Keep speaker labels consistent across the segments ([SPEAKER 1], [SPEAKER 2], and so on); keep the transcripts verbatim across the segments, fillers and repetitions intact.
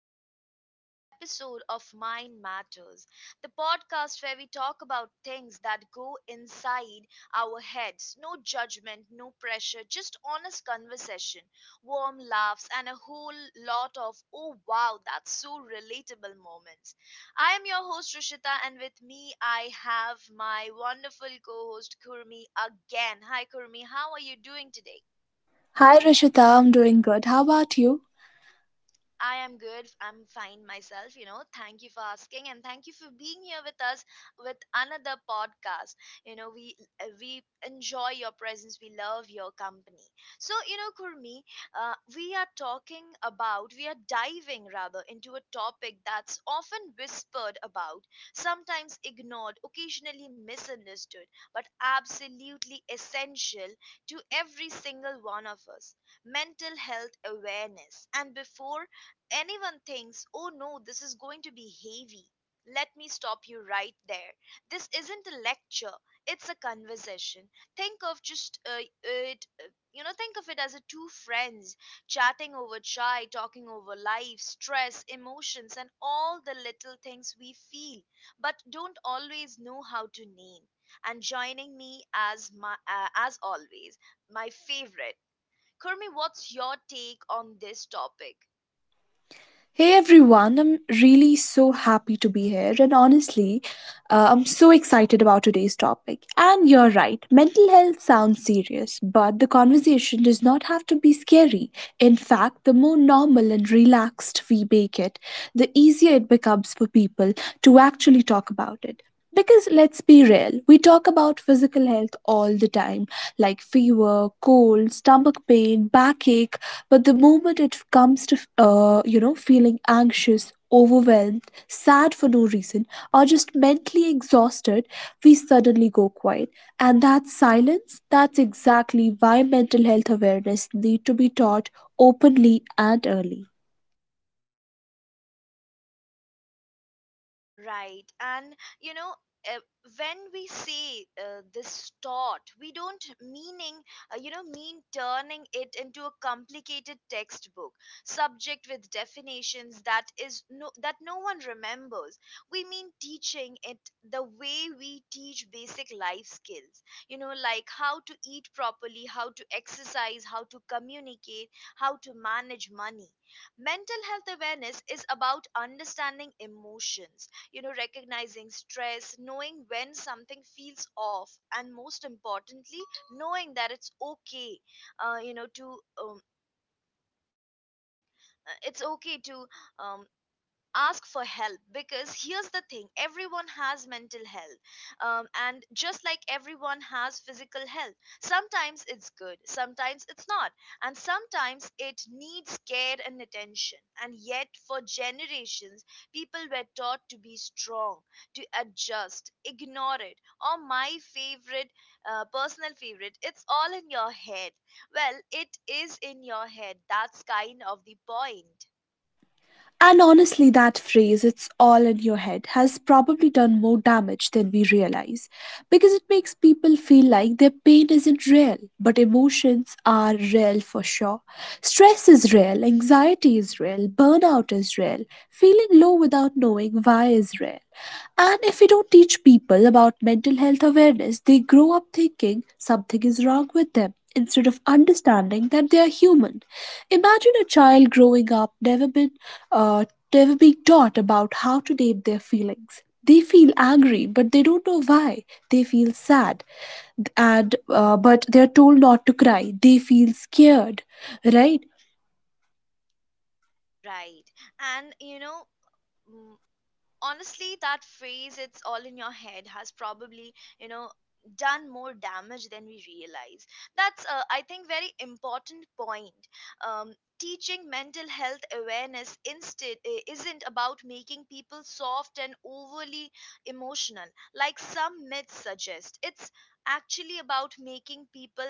[SPEAKER 1] back to another episode of Mind Matters, the podcast where we talk about things that go inside our heads. No judgment, no pressure, just honest conversation, warm laughs, and a whole lot of oh wow, that's so relatable moments. I am your host Rishita, and with me I have my wonderful co host Kurmi again. Hi, Kurmi, how are you doing today?
[SPEAKER 2] Hi Rishita, I'm doing good. How about you?
[SPEAKER 1] I am good. I'm fine myself, you know. Thank you for asking and thank you for being here with us with another podcast. You know, we uh, we enjoy your presence. We love your company. So, you know, Kurmi, uh, we are talking about, we are diving rather into a topic that's often whispered about, sometimes ignored, occasionally misunderstood, but absolutely essential to every single one of us mental health awareness. And before anyone thinks, oh no, this is going to be heavy, let me stop you right there. This isn't a lecture, it's a conversation. Think of just uh, it, uh, You know, think of it as a two friends chatting over chai, talking over life, stress, emotions, and all the little things we feel but don't always know how to name. And joining me as my, uh, as always, my favorite. Kurmi, what's your take on this topic?
[SPEAKER 2] Hey everyone, I'm really so happy to be here, and honestly, uh, I'm so excited about today's topic. And you're right, mental health sounds serious, but the conversation does not have to be scary. In fact, the more normal and relaxed we make it, the easier it becomes for people to actually talk about it. Because let's be real, we talk about physical health all the time, like fever, cold, stomach pain, backache, but the moment it comes to uh, you know, feeling anxious, overwhelmed, sad for no reason, or just mentally exhausted, we suddenly go quiet. And that silence, that's exactly why mental health awareness need to be taught openly and early.
[SPEAKER 1] Right. And you know, uh, when we say uh, this thought, we don't meaning uh, you know mean turning it into a complicated textbook subject with definitions that is no that no one remembers. We mean teaching it the way we teach basic life skills. You know, like how to eat properly, how to exercise, how to communicate, how to manage money. Mental health awareness is about understanding emotions, you know, recognizing stress, knowing when something feels off, and most importantly knowing that it's okay uh, you know to um, uh, it's okay to um, ask for help. Because here's the thing, everyone has mental health, um, and just like everyone has physical health, sometimes it's good, sometimes it's not, and sometimes it needs care and attention. And yet for generations people were taught to be strong, to adjust, ignore it, or my favorite, uh, personal favorite, it's all in your head. Well, it is in your head, that's kind of the point.
[SPEAKER 2] And honestly, that phrase, it's all in your head, has probably done more damage than we realize, because it makes people feel like their pain isn't real, but emotions are real for sure. Stress is real, anxiety is real, burnout is real, feeling low without knowing why is real. And if we don't teach people about mental health awareness, they grow up thinking something is wrong with them instead of understanding that they are human. Imagine a child growing up never been uh, tell a Big Dot about how to name their feelings. They feel angry, but they don't know why. They feel sad, and uh, but they are told not to cry. They feel scared, right?
[SPEAKER 1] Right. And you know, honestly that phrase, it's all in your head, has probably, you know, done more damage than we realize. That's uh, I think very important point. um, Teaching mental health awareness instead i- isn't about making people soft and overly emotional like some myths suggest. It's actually about making people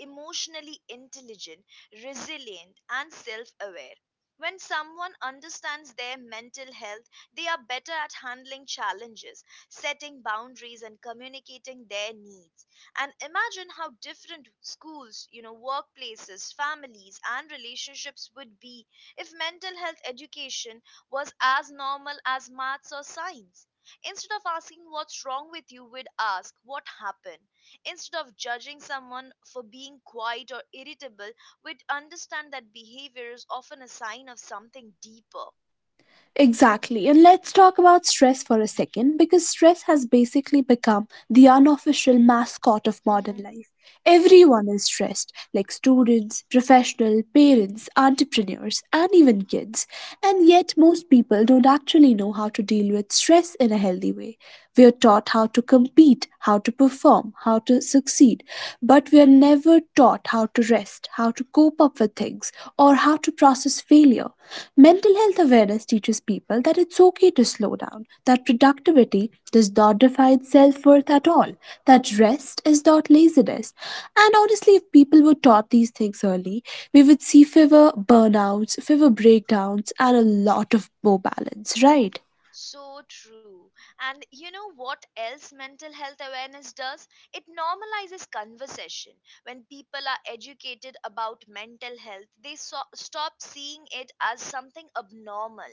[SPEAKER 1] emotionally intelligent, resilient, and self-aware. When someone understands their mental health, they are better at handling challenges, setting boundaries, and communicating their needs. And imagine how different schools, you know, workplaces, families and relationships would be if mental health education was as normal as maths or science. Instead of asking what's wrong with you, we'd ask what happened. Instead of judging someone for being quiet or irritable, we'd understand that behavior is often a sign of something deeper.
[SPEAKER 2] Exactly. And let's talk about stress for a second, because stress has basically become the unofficial mascot of modern
[SPEAKER 1] Mhm.
[SPEAKER 2] life.
[SPEAKER 1] Right.
[SPEAKER 2] Everyone is stressed, like students, professional, parents, entrepreneurs, and even kids. And yet, most people don't actually know how to deal with stress in a healthy way. We are taught how to compete, how to perform, how to succeed, but we are never taught how to rest, how to cope up with things, or how to process failure. Mental health awareness teaches people that it's okay to slow down, that productivity does not define self worth at all, that rest is not laziness. And honestly, if people were taught these things early, we would see fewer burnouts, fewer breakdowns, and a lot of more balance, right?
[SPEAKER 1] So true. And you know what else mental health awareness does? It normalizes conversation. When people are educated about mental health, they so- stop seeing it as something abnormal.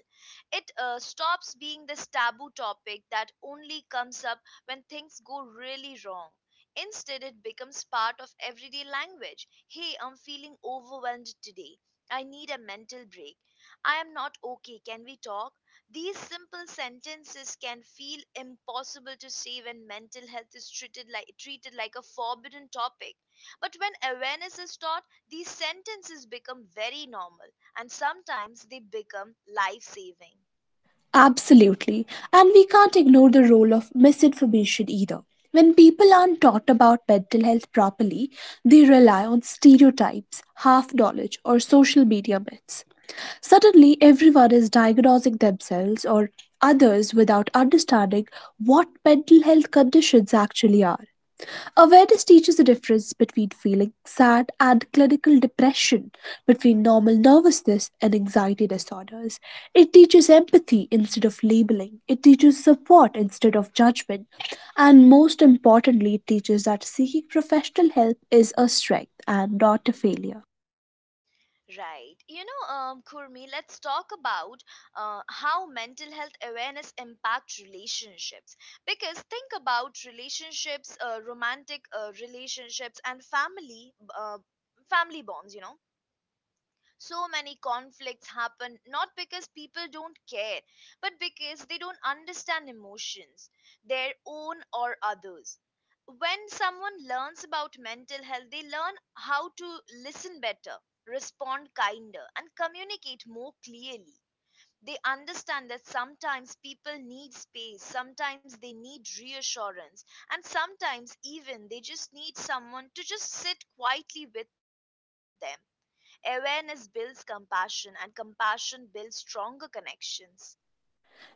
[SPEAKER 1] It uh, stops being this taboo topic that only comes up when things go really wrong. Instead, it becomes part of everyday language. Hey, I'm feeling overwhelmed today. I need a mental break. I am not okay. Can we talk? These simple sentences can feel impossible to say when mental health is treated like treated like a forbidden topic. But when awareness is taught, these sentences become very normal, and sometimes they become life-saving.
[SPEAKER 2] Absolutely. And we can't ignore the role of misinformation either. When people aren't taught about mental health properly, they rely on stereotypes, half knowledge, or social media myths. Suddenly, everyone is diagnosing themselves or others without understanding what mental health conditions actually are. Awareness teaches the difference between feeling sad and clinical depression, between normal nervousness and anxiety disorders. It teaches empathy instead of labeling, it teaches support instead of judgment, and most importantly, it teaches that seeking professional help is a strength and not a failure.
[SPEAKER 1] Right. You know, um, Kurmi, let's talk about uh, how mental health awareness impacts relationships. Because think about relationships, uh, romantic uh, relationships, and family uh, family bonds. You know, so many conflicts happen not because people don't care, but because they don't understand emotions, their own or others. When someone learns about mental health, they learn how to listen better, respond kinder, and communicate more clearly. They understand that sometimes people need space, sometimes they need reassurance, and sometimes even they just need someone to just sit quietly with them. Awareness builds compassion, and compassion builds stronger connections.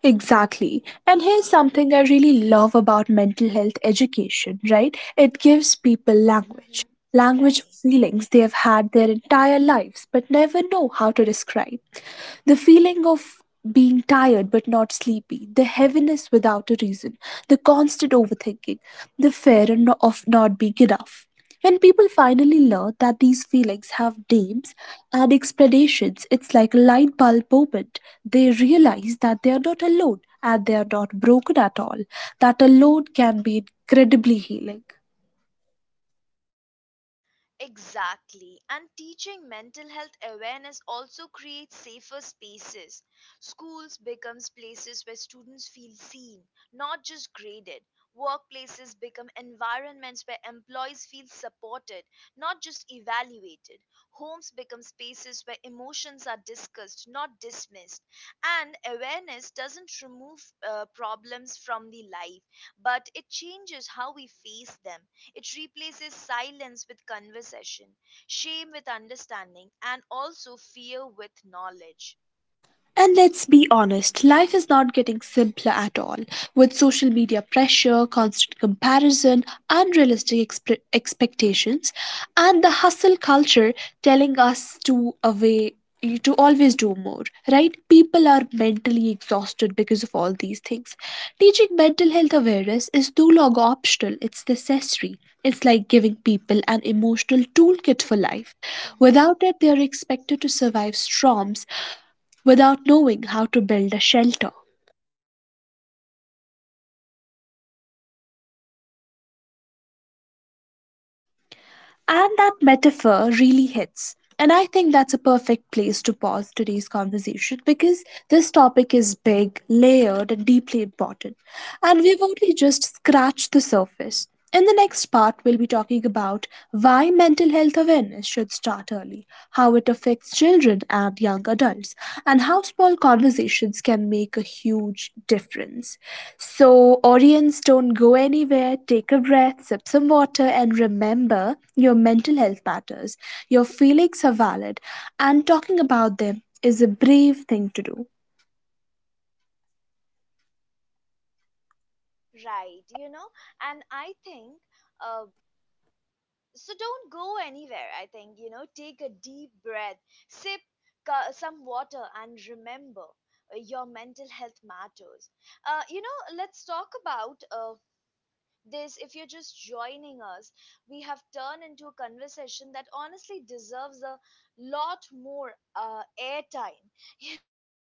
[SPEAKER 2] Exactly. And here's something I really love about mental health education, right? It gives people language,
[SPEAKER 1] Mhm.
[SPEAKER 2] language
[SPEAKER 1] Right.
[SPEAKER 2] for feelings they have had their entire lives but never know how to describe. The feeling of being tired but not sleepy, the heaviness without a reason, the constant overthinking, the fear no- of not being enough. When people finally learn that these feelings have names and explanations, it's like a light bulb moment. They realize that they are not alone and they are not broken at all, that alone can be incredibly healing.
[SPEAKER 1] Exactly. And teaching mental health awareness also creates safer spaces. Schools becomes places where students feel seen, not just graded. Workplaces become environments where employees feel supported, not just evaluated. Homes become spaces where emotions are discussed, not dismissed. And awareness doesn't remove uh, problems from the life, but it changes how we face them. It replaces silence with conversation, shame with understanding, and also fear with knowledge.
[SPEAKER 2] And let's be honest, life is not getting simpler at all. With social media pressure, constant comparison, unrealistic expe- expectations, and the hustle culture telling us to away to always do more, right? People are mentally exhausted because of all these things. Teaching mental health awareness is no longer optional, it's necessary. It's like giving people an emotional toolkit for life.
[SPEAKER 1] Mhm.
[SPEAKER 2] Without it, they are expected to survive storms without knowing how to build a shelter. And that metaphor really hits. And I think that's a perfect place to pause today's conversation, because this topic is big, layered, and deeply important. And we've only just scratched the surface. In the next part, we'll be talking about why mental health awareness should start early, how it affects children and young adults, and how small conversations can make a huge difference. So, audience, don't go anywhere. Take a breath, sip some water, and remember your mental health matters. Your feelings are valid, and talking about them is a brave thing to do.
[SPEAKER 1] Right, you know, and I think, uh, so don't go anywhere. I think, you know, take a deep breath, sip ca- some water, and remember uh, your mental health matters. Uh, you know, let's talk about uh, this, if you're just joining us, we have turned into a conversation that honestly deserves a lot more uh, airtime, you know, that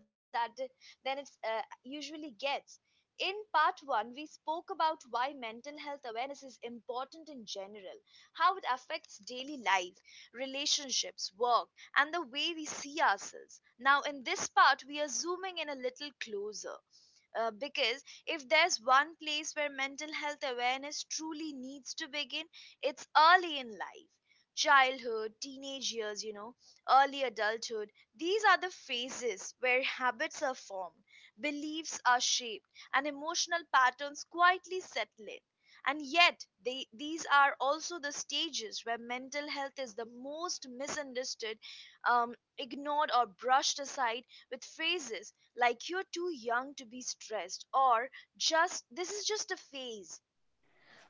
[SPEAKER 1] than it uh, usually gets. In part one, we spoke about why mental health awareness is important in general, how it affects daily life, relationships, work, and the way we see ourselves. Now, in this part, we are zooming in a little closer, uh, because if there's one place where mental health awareness truly needs to begin, it's early in life. Childhood, teenage years, you know, early adulthood. These are the phases where habits are formed, beliefs are shaped, and emotional patterns quietly settle in. And yet, they, these are also the stages where mental health is the most misunderstood, um, ignored, or brushed aside with phrases like you're too young to be stressed, or just this is just a phase.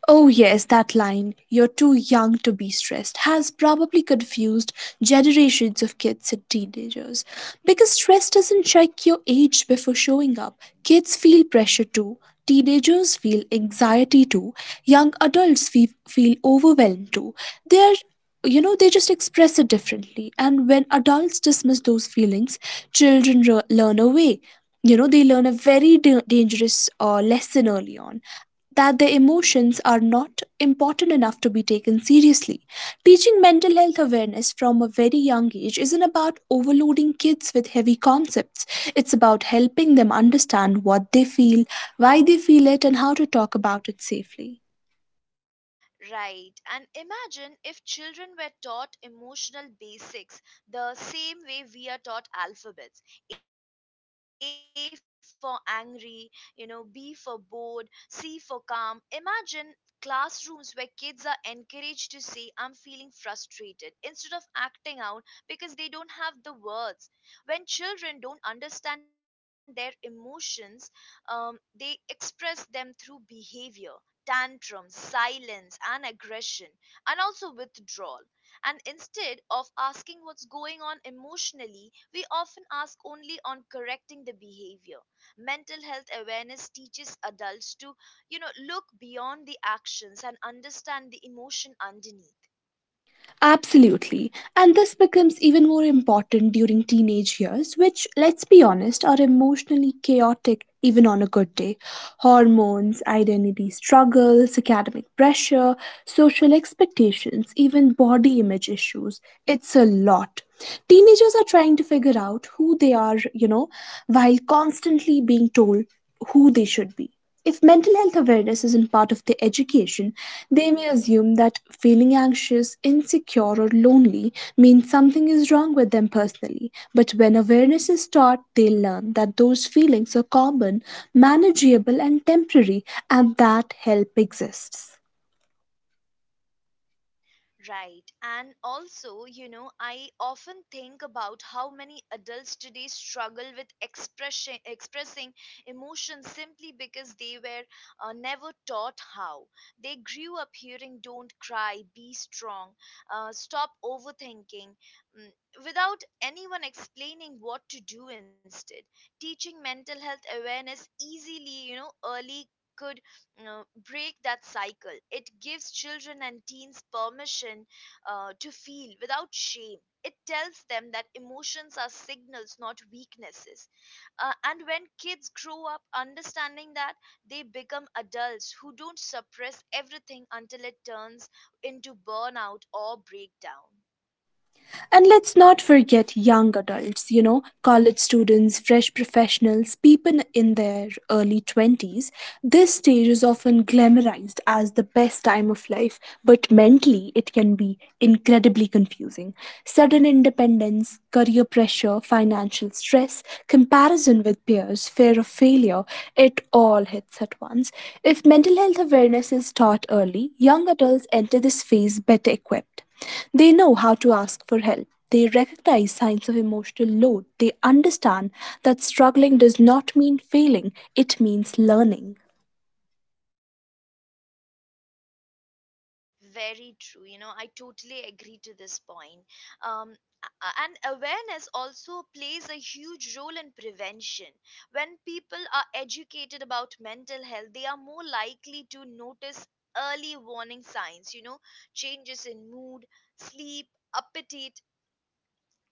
[SPEAKER 2] Oh, yes, that line, you're too young to be stressed, has probably confused generations of kids and teenagers. Because stress doesn't check your age before showing up. Kids feel pressure too, teenagers feel anxiety too, young adults feel, feel overwhelmed too. They're, you know, they just express it differently. And when adults dismiss those feelings, children re- learn away. You know, they learn a very da- dangerous uh, lesson early on that their emotions are not important enough to be taken seriously. Teaching mental health awareness from a very young age isn't about overloading kids with heavy concepts. It's about helping them understand what they feel, why they feel it, and how to talk about it safely.
[SPEAKER 1] Right, and imagine if children were taught emotional basics the same way we are taught alphabets. A for angry, you know, B for bored, C for calm. Imagine classrooms where kids are encouraged to say, I'm feeling frustrated, instead of acting out because they don't have the words. When children don't understand their emotions, um, they express them through behavior. Tantrums, silence, and aggression, and also withdrawal. And instead of asking what's going on emotionally, we often ask only on correcting the behavior. Mental health awareness teaches adults to, you know, look beyond the actions and understand the emotion underneath.
[SPEAKER 2] Absolutely. And this becomes even more important during teenage years, which, let's be honest, are emotionally chaotic even on a good day. Hormones, identity struggles, academic pressure, social expectations, even body image issues. It's a lot. Teenagers are trying to figure out who they are, you know, while constantly being told who they should be. If mental health awareness isn't part of their education, they may assume that feeling anxious, insecure, or lonely means something is wrong with them personally. But when awareness is taught, they learn that those feelings are common, manageable, and temporary, and that help exists.
[SPEAKER 1] Right. And also, you know, I often think about how many adults today struggle with expressing expressing emotions simply because they were uh, never taught how. They grew up hearing "Don't cry," "Be strong," uh, "Stop overthinking," mm, without anyone explaining what to do instead. Teaching mental health awareness easily, you know, early could uh, break that cycle. It gives children and teens permission uh, to feel without shame. It tells them that emotions are signals, not weaknesses. Uh, and when kids grow up understanding that, they become adults who don't suppress everything until it turns into burnout or breakdown.
[SPEAKER 2] And let's not forget young adults, you know, college students, fresh professionals, people in their early twenties. This stage is often glamorized as the best time of life, but mentally it can be incredibly confusing. Sudden independence, career pressure, financial stress, comparison with peers, fear of failure, it all hits at once. If mental health awareness is taught early, young adults enter this phase better equipped. They know how to ask for help. They recognize signs of emotional load. They understand that struggling does not mean failing, it means learning.
[SPEAKER 1] Very true. You know, I totally agree to this point. Um, a- and awareness also plays a huge role in prevention. When people are educated about mental health, they are more likely to notice early warning signs, you know, changes in mood, sleep, appetite,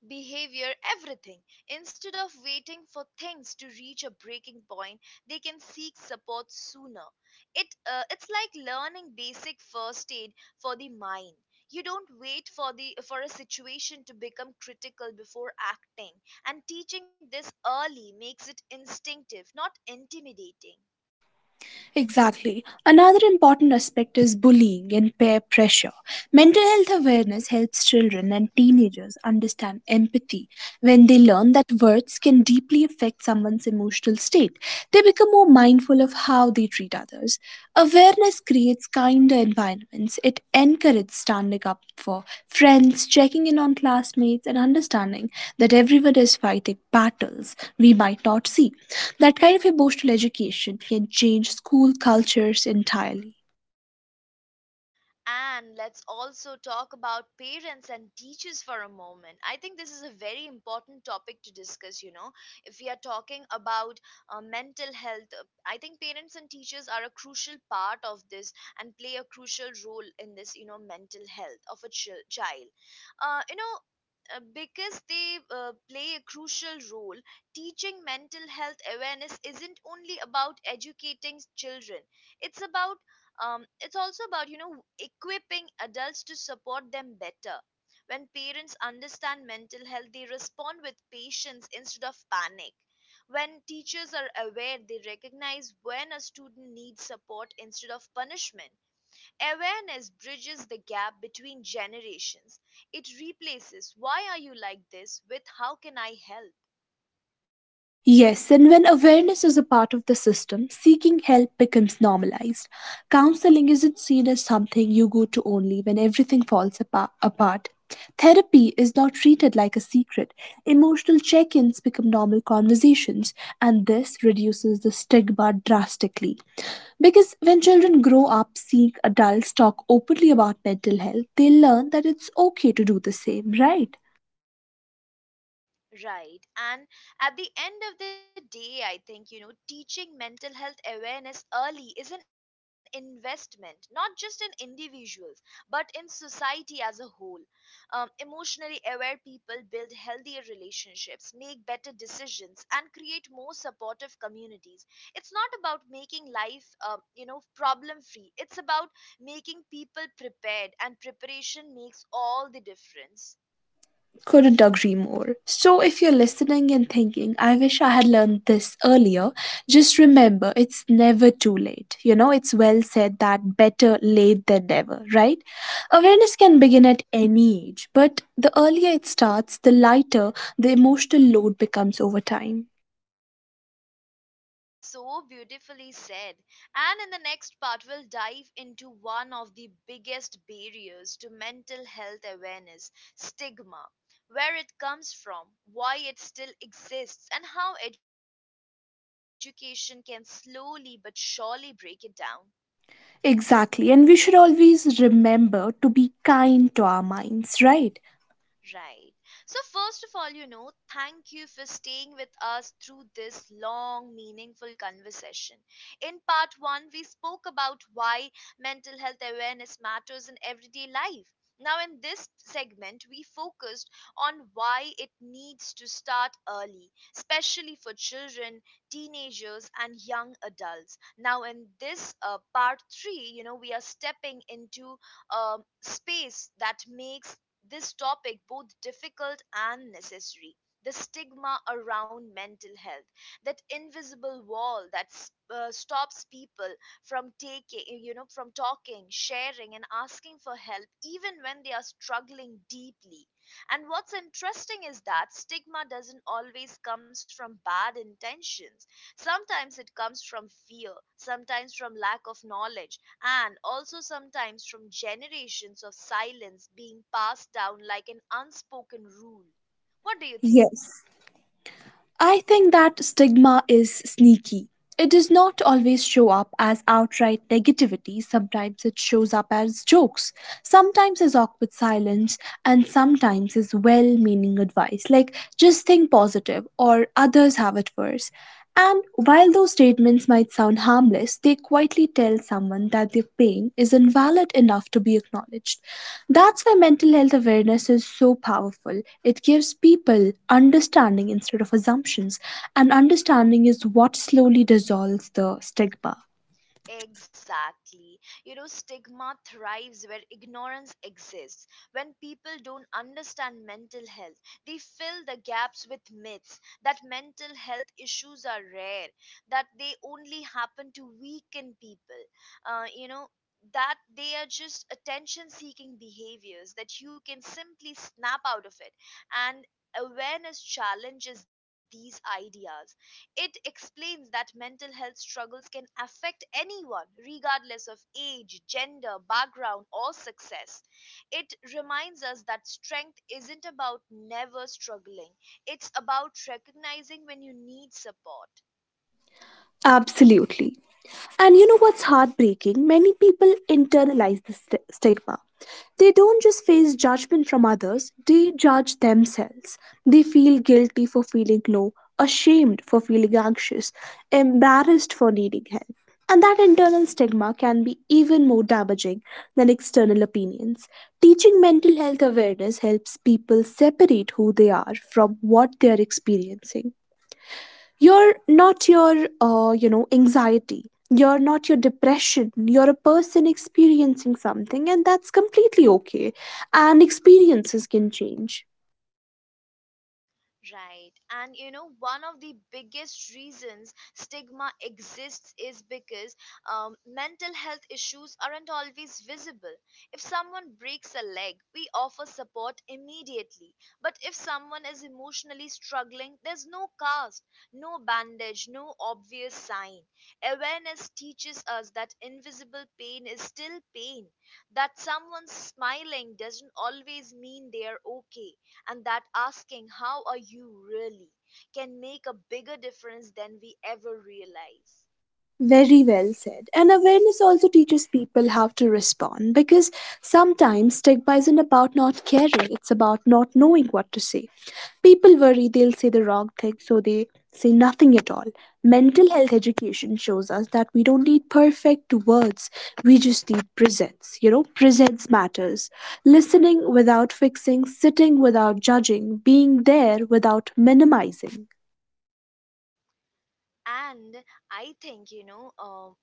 [SPEAKER 1] behavior, everything. Instead of waiting for things to reach a breaking point, they can seek support sooner. It uh, it's like learning basic first aid for the mind. You don't wait for the for a situation to become critical before acting, and teaching this early makes it instinctive, not intimidating.
[SPEAKER 2] Exactly. Another important aspect is bullying and peer pressure. Mental health awareness helps children and teenagers understand empathy. When they learn that words can deeply affect someone's emotional state, they become more mindful of how they treat others. Awareness creates kinder environments. It encourages standing up for friends, checking in on classmates, and understanding that everyone is fighting battles we might not see. That kind of emotional education can change school cultures entirely.
[SPEAKER 1] And let's also talk about parents and teachers for a moment. I think this is a very important topic to discuss. You know, if we are talking about uh, mental health, uh, I think parents and teachers are a crucial part of this and play a crucial role in this, you know, mental health of a chil- child. Uh, you know, uh, because they uh, play a crucial role, Teaching mental health awareness isn't only about educating children, it's about um, it's also about, you know, equipping adults to support them better. When parents understand mental health, they respond with patience instead of panic. When teachers are aware, they recognize when a student needs support instead of punishment. Awareness bridges the gap between generations. It replaces why are you like this with how can I help.
[SPEAKER 2] Yes, and when awareness is a part of the system, seeking help becomes normalized. Counseling isn't seen as something you go to only when everything falls apa- apart. Therapy is not treated like a secret. Emotional check ins become normal conversations, and this reduces the stigma drastically. Because when children grow up seeing adults talk openly about mental health, they learn that it's okay to do the same, right?
[SPEAKER 1] Right. And at the end of the day, I think, you know, teaching mental health awareness early is an investment, not just in individuals, but in society as a whole. Um, emotionally aware people build healthier relationships, make better decisions, and create more supportive communities. It's not about making life, um, you know, problem free. It's about making people prepared, and preparation makes all the difference.
[SPEAKER 2] Couldn't agree more. So, if you're listening and thinking, I wish I had learned this earlier, just remember it's never too late. You know, it's well said that better late than never, right? Awareness can begin at any age, but the earlier it starts, the lighter the emotional load becomes over time.
[SPEAKER 1] That's so beautifully said. And in the next part, we'll dive into one of the biggest barriers to mental health awareness stigma, where it comes from, why it still exists, and how education can slowly but surely break it down.
[SPEAKER 2] Exactly, and we should always remember to be kind to our minds, right?
[SPEAKER 1] Right. So, first of all, you know, thank you for staying with us through this long, meaningful conversation. In part one, we spoke about why mental health awareness matters in everyday life. Now, in this segment, we focused on why it needs to start early, especially for children, teenagers, and young adults. Now, in this uh, part three, you know, we are stepping into a space that makes this topic both difficult and necessary, the stigma around mental health, that invisible wall that s- uh, stops people from taking you know from talking, sharing, and asking for help even when they are struggling deeply. And what's interesting is that stigma doesn't always comes from bad intentions. Sometimes it comes from fear, sometimes from lack of knowledge, and also sometimes from generations of silence being passed down like an unspoken rule. What do you think?
[SPEAKER 2] Yes. I think that stigma is sneaky. It does not always show up as outright negativity, sometimes it shows up as jokes, sometimes as awkward silence, and sometimes as well meaning advice like just think positive or others have it worse. And while those statements might sound harmless, they quietly tell someone that their pain is invalid enough to be acknowledged. That's why mental health awareness is so powerful. It gives people understanding instead of assumptions, and understanding is what slowly dissolves the stigma.
[SPEAKER 1] Exactly. You know, stigma thrives where ignorance exists. When people don't understand mental health, they fill the gaps with myths that mental health issues are rare, that they only happen to weaken people, uh, you know, that they are just attention seeking behaviors, that you can simply snap out of it. And awareness challenges these ideas. It explains that mental health struggles can affect anyone, regardless of age, gender, background, or success. It reminds us that strength isn't about never struggling, it's about recognizing when you need support.
[SPEAKER 2] Absolutely. And you know what's heartbreaking? Many people internalize the st- stigma. They don't just face judgment from others, they judge themselves. They feel guilty for feeling low, ashamed for feeling anxious, embarrassed for needing help. And that internal stigma can be even more damaging than external opinions. Teaching mental health awareness helps people separate who they are from what they are experiencing. You're not your uh, you know, anxiety, you're not your depression, you're a person experiencing something, and that's completely okay, and experiences can change.
[SPEAKER 1] Right. And you know, one of the biggest reasons stigma exists is because um, mental health issues aren't always visible. If someone breaks a leg, we offer support immediately. But if someone is emotionally struggling, there's no cast, no bandage, no obvious sign. Awareness teaches us that invisible pain is still pain, that someone smiling doesn't always mean they are okay, and that asking how are you really can make a bigger difference than we ever realize.
[SPEAKER 2] Very well said. And awareness also teaches people how to respond, because sometimes stigma isn't about not caring, it's about not knowing what to say. People worry they'll say the wrong thing, so they say nothing at all. Mental health education shows us that we don't need perfect words, we just need presence. You know, presence matters. Listening without fixing, sitting without judging, being there without minimizing.
[SPEAKER 1] And I think you know um,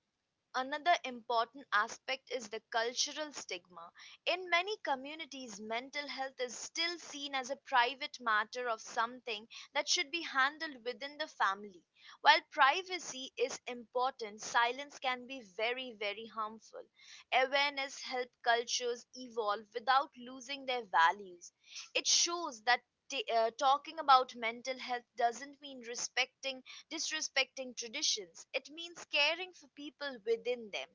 [SPEAKER 1] Another important aspect is the cultural stigma. In many communities, mental health is still seen as a private matter of something that should be handled within the family. While privacy is important, silence can be very, very harmful. Awareness helps cultures evolve without losing their values. It shows that t- uh, talking about mental health doesn't mean respecting disrespecting traditions. It means caring for people within them.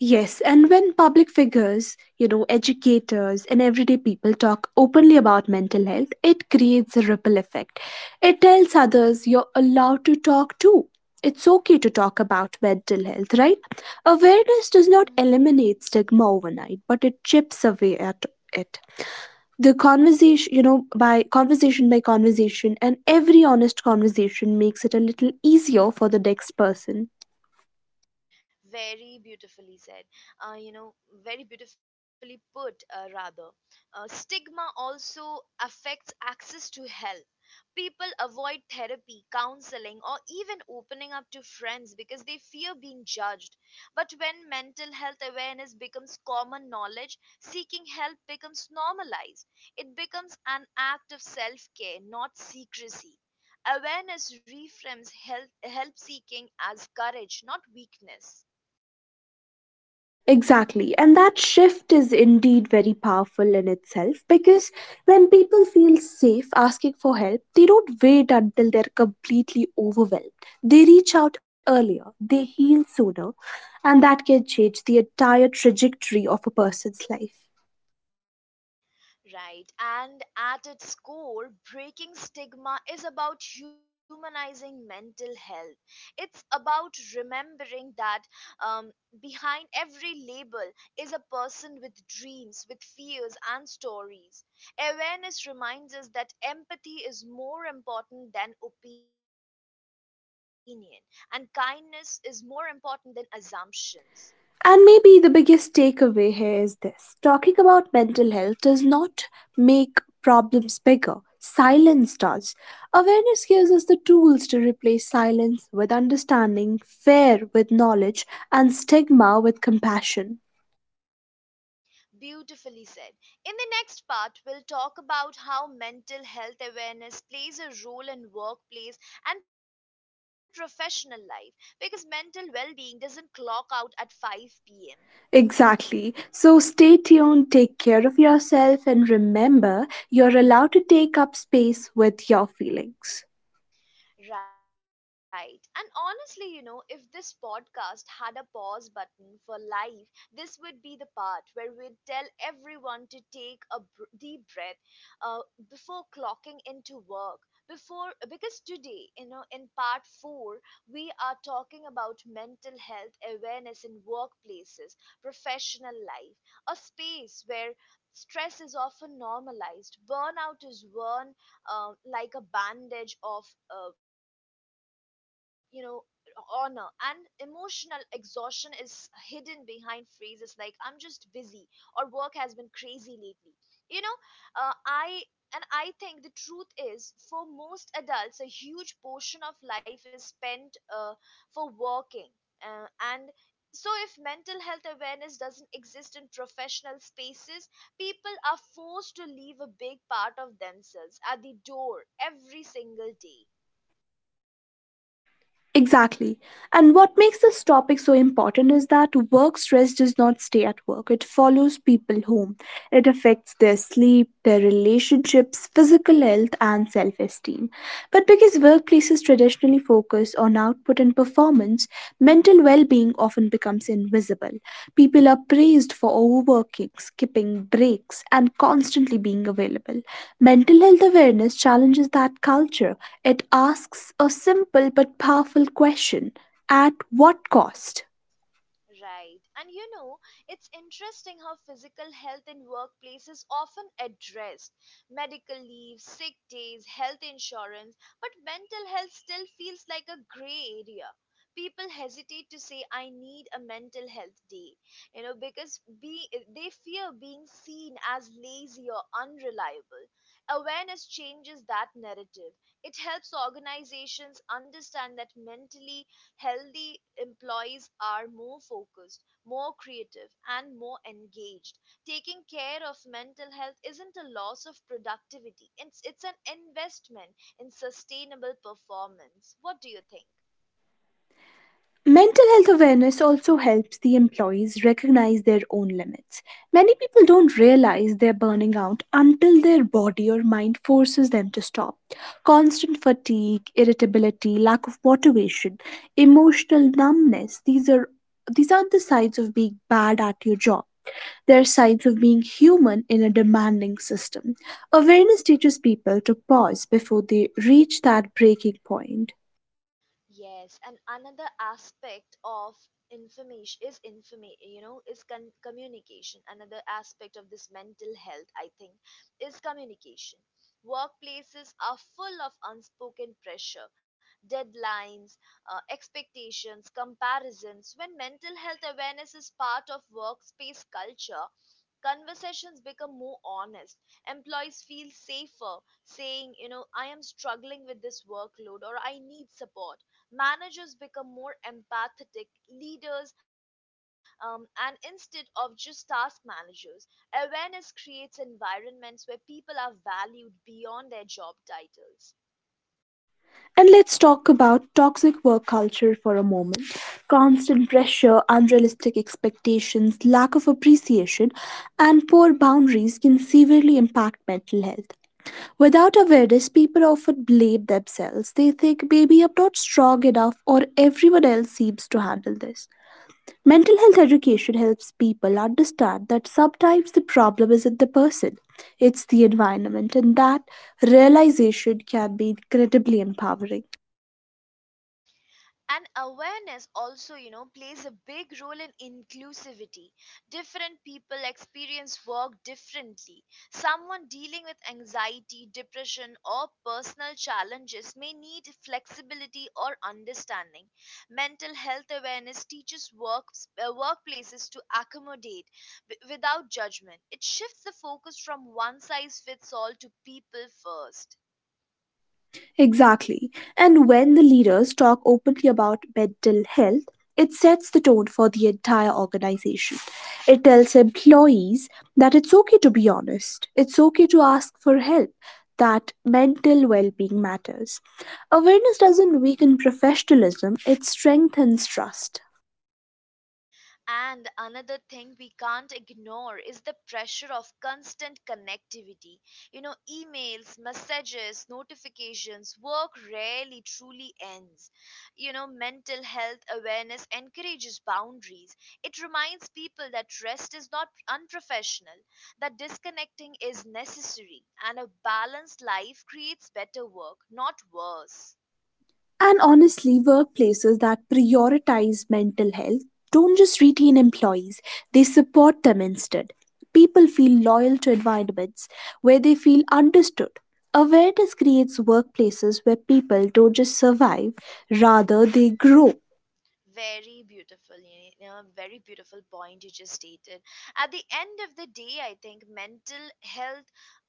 [SPEAKER 2] Yes, and when public figures, you know, educators and everyday people talk openly about mental health, it creates a ripple effect. It tells others you're allowed to talk too. It's okay to talk about mental health, right? Awareness does not eliminate stigma overnight, but it chips away at it. The conversation, you know, by conversation by conversation, and every honest conversation makes it a little easier for the next person.
[SPEAKER 1] Very beautifully said. Uh, you know, very beautifully put, uh, rather. Uh, stigma also affects access to help. People avoid therapy, counseling, or even opening up to friends because they fear being judged. But when mental health awareness becomes common knowledge, seeking help becomes normalized. It becomes an act of self care, not secrecy. Awareness reframes health, help seeking as courage, not weakness.
[SPEAKER 2] Exactly. And that shift is indeed very powerful in itself because when people feel safe asking for help, they don't wait until they're completely overwhelmed. They reach out earlier, they heal sooner, and that can change the entire trajectory of a person's life.
[SPEAKER 1] Right, and at its core, breaking stigma is about humanizing mental health. It's about remembering that um, behind every label is a person with dreams, with fears, and stories. Awareness reminds us that empathy is more important than opinion, and kindness is more important than assumptions.
[SPEAKER 2] And maybe the biggest takeaway here is this: talking about mental health does not make problems bigger, silence does. Awareness gives us the tools to replace silence with understanding, fear with knowledge, and stigma with compassion.
[SPEAKER 1] Beautifully said. In the next part, we'll talk about how mental health awareness plays a role in workplace and professional life because mental well being doesn't clock out at five p m.
[SPEAKER 2] Exactly. So stay tuned, take care of yourself, and remember you're allowed to take up space with your feelings.
[SPEAKER 1] Right. And honestly, you know, if this podcast had a pause button for life, this would be the part where we'd tell everyone to take a br- deep breath uh, before clocking into work. Before, because today, you know, in part four, we are talking about mental health awareness in workplaces, professional life, a space where stress is often normalized, burnout is worn um, like a bandage of uh, you know honor, and emotional exhaustion is hidden behind phrases like I'm just busy or work has been crazy lately. You know uh, i and I think the truth is for most adults a huge portion of life is spent uh, for working, uh, and so if mental health awareness doesn't exist in professional spaces, people are forced to leave a big part of themselves at the door every single day.
[SPEAKER 2] Exactly. And what makes this topic so important is that work stress does not stay at work. It follows people home. It affects their sleep, their relationships, physical health, and self esteem. But because workplaces traditionally focus on output and performance, mental well being often becomes invisible. People are praised for overworking, skipping breaks, and constantly being available. Mental health awareness challenges that culture. It asks a simple but powerful question: at what cost?
[SPEAKER 1] Right. And you know, it's interesting how physical health in workplace is often addressed. Medical leave, sick days, health insurance, but mental health still feels like a gray area. People hesitate to say I need a mental health day, you know, because be, they fear being seen as lazy or unreliable. Awareness changes that narrative. It helps organizations understand that mentally healthy employees are more focused, more creative, and more engaged. Taking care of mental health isn't a loss of productivity, it's, it's an investment in sustainable performance. What do you think?
[SPEAKER 2] Mental health awareness also helps the employees recognize their own limits. Many people don't realize they're burning out until their body or mind forces them to stop. Constant fatigue, irritability, lack of motivation, emotional numbness, these are these aren't the signs of being bad at your job. They're signs of being human in a demanding system. Awareness teaches people to pause before they reach that breaking point.
[SPEAKER 1] Yes, and another aspect of information is informa. You know, is con- communication. Another aspect of this mental health, I think, is communication. Workplaces are full of unspoken pressure, deadlines, uh, expectations, comparisons. When mental health awareness is part of workspace culture, conversations become more honest. Employees feel safer saying, you know, I am struggling with this workload or I need support. Managers become more empathetic leaders, um, and instead of just task managers, awareness creates environments where people are valued beyond their job titles.
[SPEAKER 2] And let's talk about toxic work culture for a moment. Constant pressure, unrealistic expectations, lack of appreciation, and poor boundaries can severely impact mental health. Without awareness, people often blame themselves. They think, maybe I'm not strong enough, or everyone else seems to handle this. Mental health education helps people understand that sometimes the problem isn't the person, it's the environment, and that realization can be incredibly empowering.
[SPEAKER 1] And awareness also, you know plays a big role in inclusivity. Different people experience work differently. Someone dealing with anxiety, depression, or personal challenges may need flexibility or understanding. Mental health awareness teaches work, uh, workplaces to accommodate w- without judgment. It shifts the focus from one size fits all to people first.
[SPEAKER 2] Exactly. And when the leaders talk openly about mental health, it sets the tone for the entire organization. It tells employees that it's okay to be honest, it's okay to ask for help, that mental well being matters. Awareness doesn't weaken professionalism, it strengthens trust.
[SPEAKER 1] And another thing we can't ignore is the pressure of constant connectivity. You know, emails, messages, notifications, work rarely truly ends. You know, mental health awareness encourages boundaries. It reminds people that rest is not unprofessional, that disconnecting is necessary, and a balanced life creates better work, not worse.
[SPEAKER 2] And honestly, workplaces that prioritize mental health don't just retain employees, they support them instead. People feel loyal to environments where they feel understood. Awareness creates workplaces where people don't just survive, rather, they grow.
[SPEAKER 1] Very beautiful, you know very beautiful point you just stated. At the end of the day, I think mental health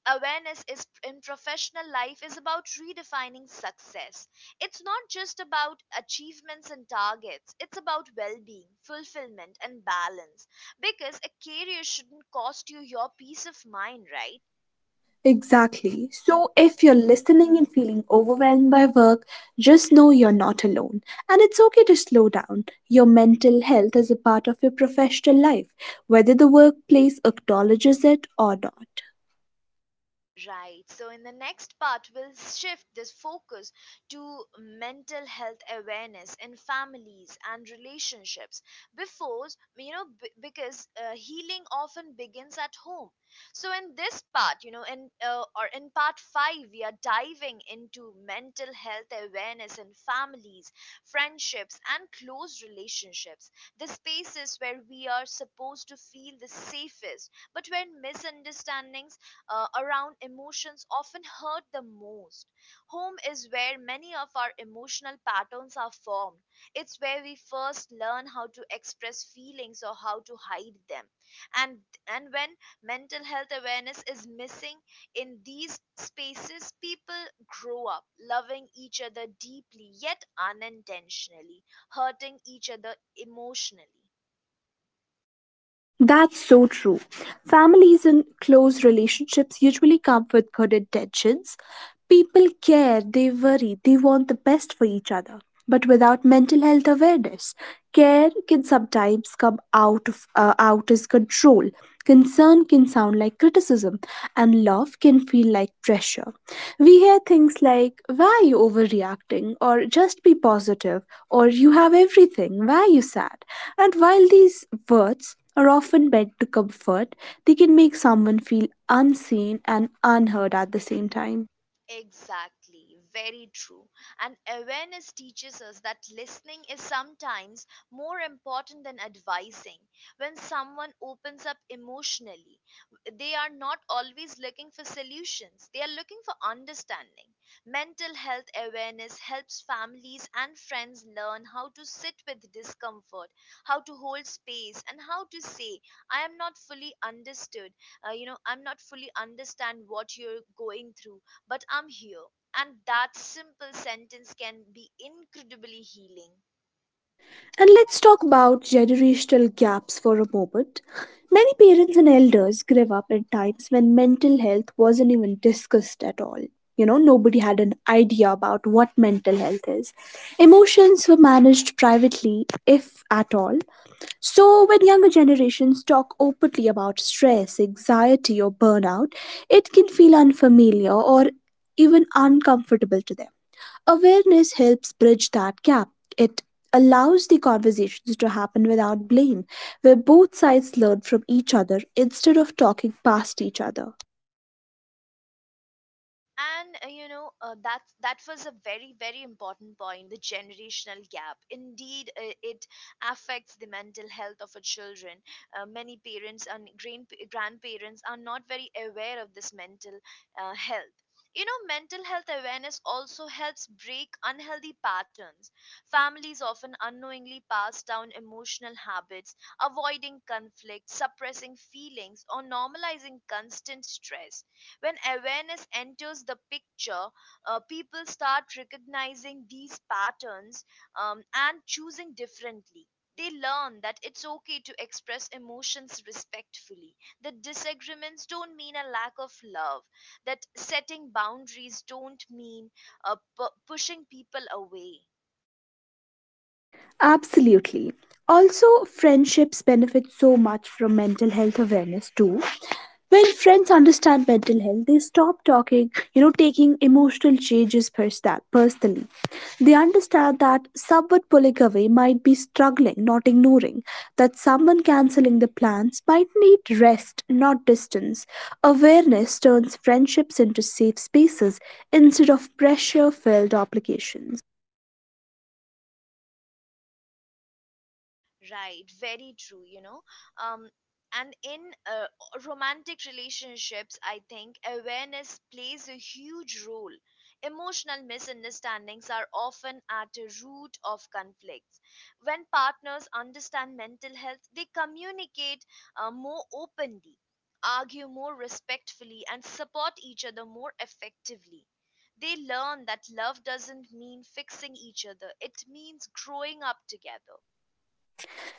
[SPEAKER 1] awareness is in professional life is about redefining success. It's not just about achievements and targets, it's about well-being, fulfillment, and balance, because a career shouldn't cost you your peace of mind, right?
[SPEAKER 2] Exactly. So, if you're listening and feeling overwhelmed by work, just know you're not alone. And it's okay to slow down. Your mental health is a part of your professional life, whether the workplace acknowledges it or not.
[SPEAKER 1] Right. So, in the next part, we'll shift this focus to mental health awareness in families and relationships. Before, you know, b- because uh, healing often begins at home. So, in this part, you know, in uh, or in part five, we are diving into mental health awareness in families, friendships, and close relationships. The spaces where we are supposed to feel the safest, but where misunderstandings uh, around emotions often hurt the most. Home is where many of our emotional patterns are formed. It's where we first learn how to express feelings or how to hide them. And and when mental health awareness is missing in these spaces, people grow up loving each other deeply yet unintentionally, hurting each other emotionally.
[SPEAKER 2] That's so true. Families and close relationships usually come with good intentions. People care, they worry, they want the best for each other. But without mental health awareness, care can sometimes come out of uh, out as control. Concern can sound like criticism, and love can feel like pressure. We hear things like "Why are you overreacting?" or "Just be positive," or "You have everything. Why are you sad?" And while these words are often bent to comfort, they can make someone feel unseen and unheard at the same time.
[SPEAKER 1] Exactly, very true. And awareness teaches us that listening is sometimes more important than advising. When someone opens up emotionally, they are not always looking for solutions, they are looking for understanding. Mental health awareness helps families and friends learn how to sit with discomfort, how to hold space, and how to say, I am not fully understood. Uh, you know, I'm not fully understand what you're going through, but I'm here. And that simple sentence can be incredibly healing.
[SPEAKER 2] And let's talk about generational gaps for a moment. Many parents and elders grew up in times when mental health wasn't even discussed at all. You know, nobody had an idea about what mental health is. Emotions were managed privately, if at all. So, when younger generations talk openly about stress, anxiety, or burnout, it can feel unfamiliar or even uncomfortable to them. Awareness helps bridge that gap. It allows the conversations to happen without blame, where both sides learn from each other instead of talking past each other.
[SPEAKER 1] And uh, you know uh, that That was a very, very important point, the generational gap indeed. Uh, it affects the mental health of our children. Uh, many parents and grand- grandparents are not very aware of this mental uh, health. You know mental health awareness also helps break unhealthy patterns. Families often unknowingly pass down emotional habits, avoiding conflict, suppressing feelings, or normalizing constant stress. When awareness enters the picture, uh, people start recognizing these patterns, um, and choosing differently. They learn that it's okay to express emotions respectfully, that disagreements don't mean a lack of love, that setting boundaries don't mean uh, pu- pushing people away.
[SPEAKER 2] Absolutely. Also, friendships benefit so much from mental health awareness too. When friends understand mental health, they stop talking you know taking emotional changes persta- personally. They understand that someone pulling away might be struggling, not ignoring, that someone canceling the plans might need rest, not distance. Awareness turns friendships into safe spaces instead of pressure filled obligation.
[SPEAKER 1] Right, very true, you know. Um, and in uh, romantic relationships, I think awareness plays a huge role. Emotional misunderstandings are often at the root of conflicts. When partners understand mental health, they communicate uh, more openly, argue more respectfully, and support each other more effectively. They learn that love doesn't mean fixing each other, it means growing up together.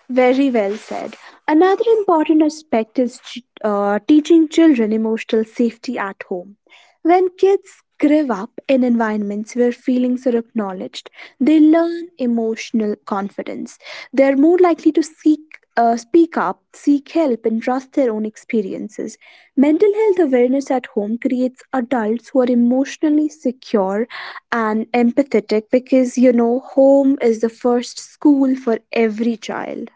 [SPEAKER 2] Very well said. Another important aspect is ch- uh, teaching children emotional safety at home. When kids grow up in environments where feelings are acknowledged, they learn emotional confidence. They are more likely to seek, uh, speak up, seek help, and trust their own experiences. Mental health awareness at home creates adults who are emotionally secure and empathetic, because you know, home is the first school for every child.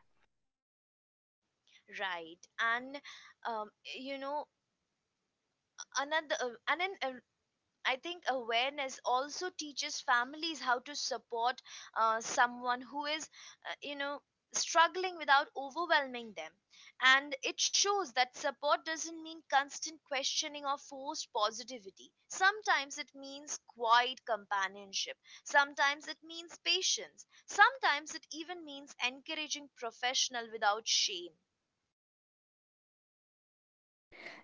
[SPEAKER 1] Right and um, you know another uh, and then uh, I think awareness also teaches families how to support uh, someone who is uh, you know struggling without overwhelming them. And it shows that support doesn't mean constant questioning or forced positivity. Sometimes it means quiet companionship, sometimes it means patience, sometimes it even means encouraging professional without shame.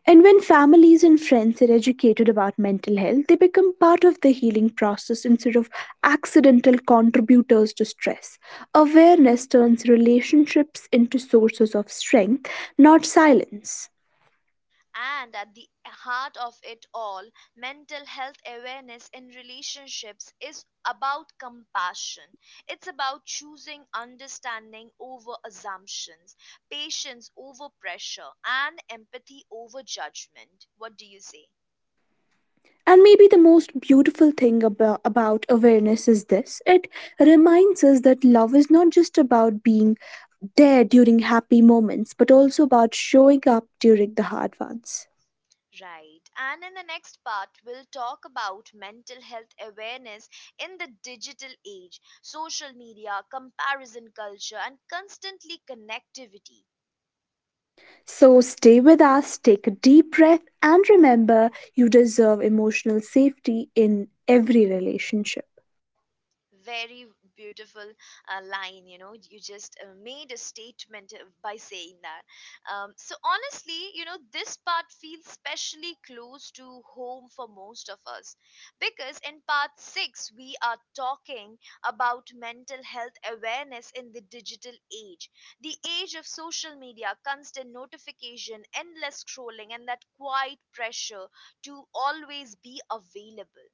[SPEAKER 2] And when families and friends are educated about mental health, they become part of the healing process instead of accidental contributors to stress. Awareness turns relationships into sources of strength, not silence.
[SPEAKER 1] And at the heart of it all, mental health awareness in relationships is about compassion. It's about choosing understanding over assumptions, patience over pressure, and empathy over judgment. What do you say?
[SPEAKER 2] And maybe the most beautiful thing about, about awareness is this: it reminds us that love is not just about being there during happy moments, but also about showing up during the hard ones.
[SPEAKER 1] Right. And in the next part, we'll talk about mental health awareness in the digital age, social media, comparison culture, and constantly connectivity.
[SPEAKER 2] So stay with us, take a deep breath, and remember you deserve emotional safety in every relationship.
[SPEAKER 1] Very beautiful uh, line, you know. You just uh, made a statement uh, by saying that. Um, so, honestly, you know, this part feels specially close to home for most of us because in part six, we are talking about mental health awareness in the digital age, the age of social media, constant notification, endless scrolling, and that quiet pressure to always be available,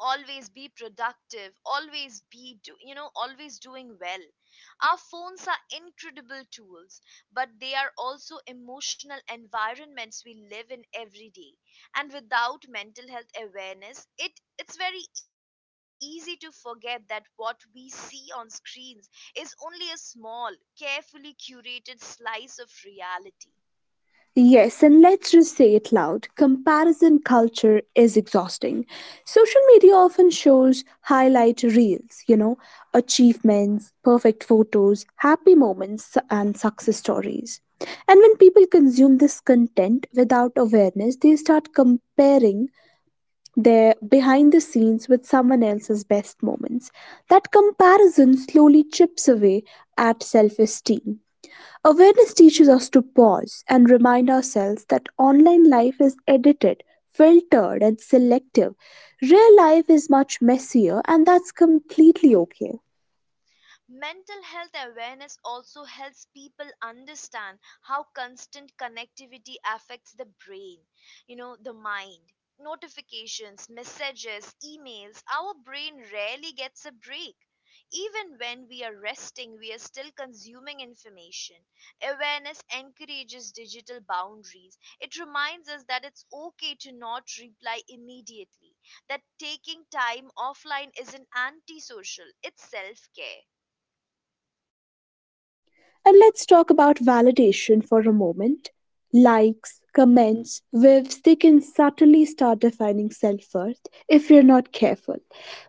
[SPEAKER 1] always be productive, always be do, you know always doing well. Our phones are incredible tools, but they are also emotional environments we live in every day. And without mental health awareness, it it's very easy to forget that what we see on screens is only a small, carefully curated slice of reality.
[SPEAKER 2] Yes, and let's just say it loud: comparison culture is exhausting. Social media often shows highlight reels, you know, achievements, perfect photos, happy moments, and success stories. And when people consume this content without awareness, they start comparing their behind the scenes with someone else's best moments. That comparison slowly chips away at self esteem. Awareness teaches us to pause and remind ourselves that online life is edited, filtered, and selective. Real life is much messier, and that's completely okay.
[SPEAKER 1] Mental health awareness also helps people understand how constant connectivity affects the brain, you know, the mind. Notifications, messages, emails, our brain rarely gets a break. Even when we are resting, we are still consuming information. Awareness encourages digital boundaries. It reminds us that it's okay to not reply immediately, that taking time offline isn't antisocial, it's self care.
[SPEAKER 2] And let's talk about validation for a moment. Likes, comments, waves, they can subtly start defining self worth if you're not careful.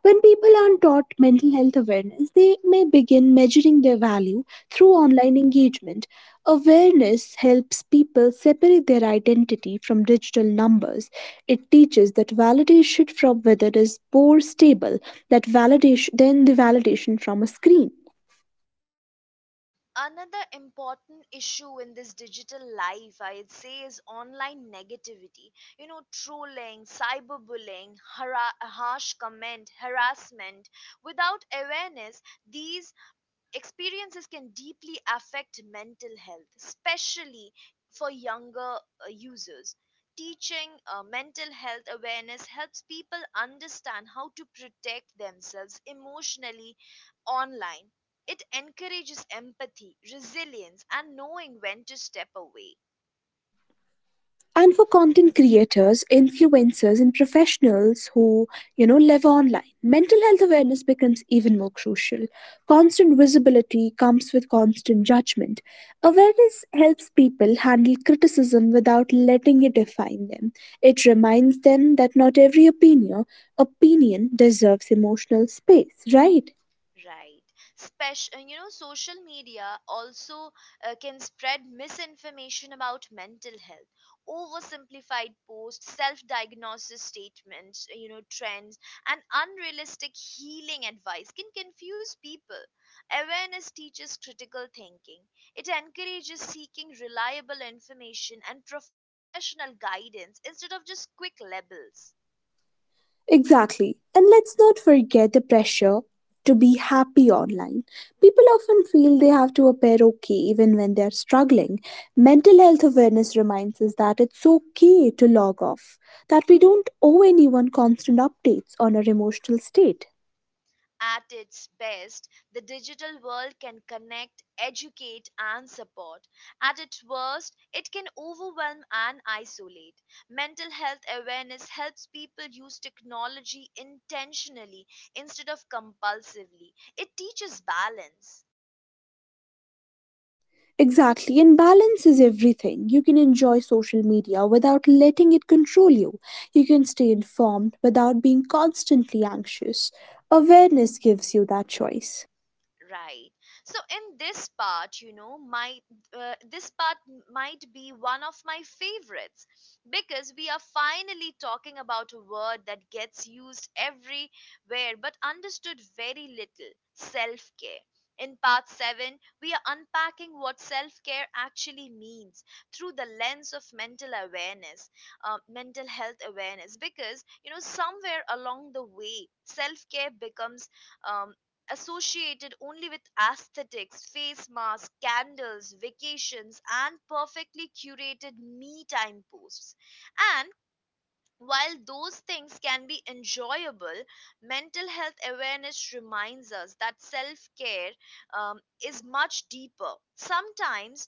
[SPEAKER 2] When people aren't taught mental health awareness, they may begin measuring their value through
[SPEAKER 1] Mhm.
[SPEAKER 2] online engagement. Awareness helps people separate their identity from digital numbers. It teaches that validation from whether is more stable that validation than the validation from a screen.
[SPEAKER 1] Another important issue in this digital life, I'd say, is online negativity. You know, trolling, cyberbullying, hara- harsh comment, harassment. Without awareness, these experiences can deeply affect mental health, especially for younger uh, users. Teaching uh, mental health awareness helps people understand how to protect themselves emotionally online. It encourages empathy, resilience, and knowing when to step away.
[SPEAKER 2] And for content creators, influencers, and professionals who, you know, live online, mental health awareness becomes even more crucial. Constant visibility comes with constant judgment. Awareness helps people handle criticism without letting it define them. It reminds them that not every opinion opinion deserves emotional space, right?
[SPEAKER 1] Right. Special, you know, social media also uh, can spread misinformation about mental health, oversimplified posts, self-diagnosis statements, you know, trends, and unrealistic healing advice can confuse people. Awareness teaches critical thinking. It encourages seeking reliable information and professional guidance instead of just quick labels.
[SPEAKER 2] Exactly. And let's not forget the pressure to be happy online. People often feel they have to appear okay even when they're struggling. Mental health awareness reminds us that it's okay to log off, that we don't owe anyone constant updates on our emotional state.
[SPEAKER 1] At its best, the digital world can connect, educate, and support. At its worst, it can overwhelm and isolate. Mental health awareness helps people use technology intentionally instead of compulsively. It teaches balance.
[SPEAKER 2] Exactly, and balance is everything. You can enjoy social media without letting it control you. You can stay informed without being constantly anxious. Awareness gives you that choice.
[SPEAKER 1] Right. So in this part, you know, my uh, this part might be one of my favorites because we are finally talking about a word that gets used everywhere but understood very little, self-care. In part seven, we are unpacking what self-care actually means through the lens of mental awareness, uh, mental health awareness because, you know, somewhere along the way, self-care becomes um, associated only with aesthetics, face masks, candles, vacations, and perfectly curated me time posts. And while those things can be enjoyable, mental health awareness reminds us that self care um, is much deeper, sometimes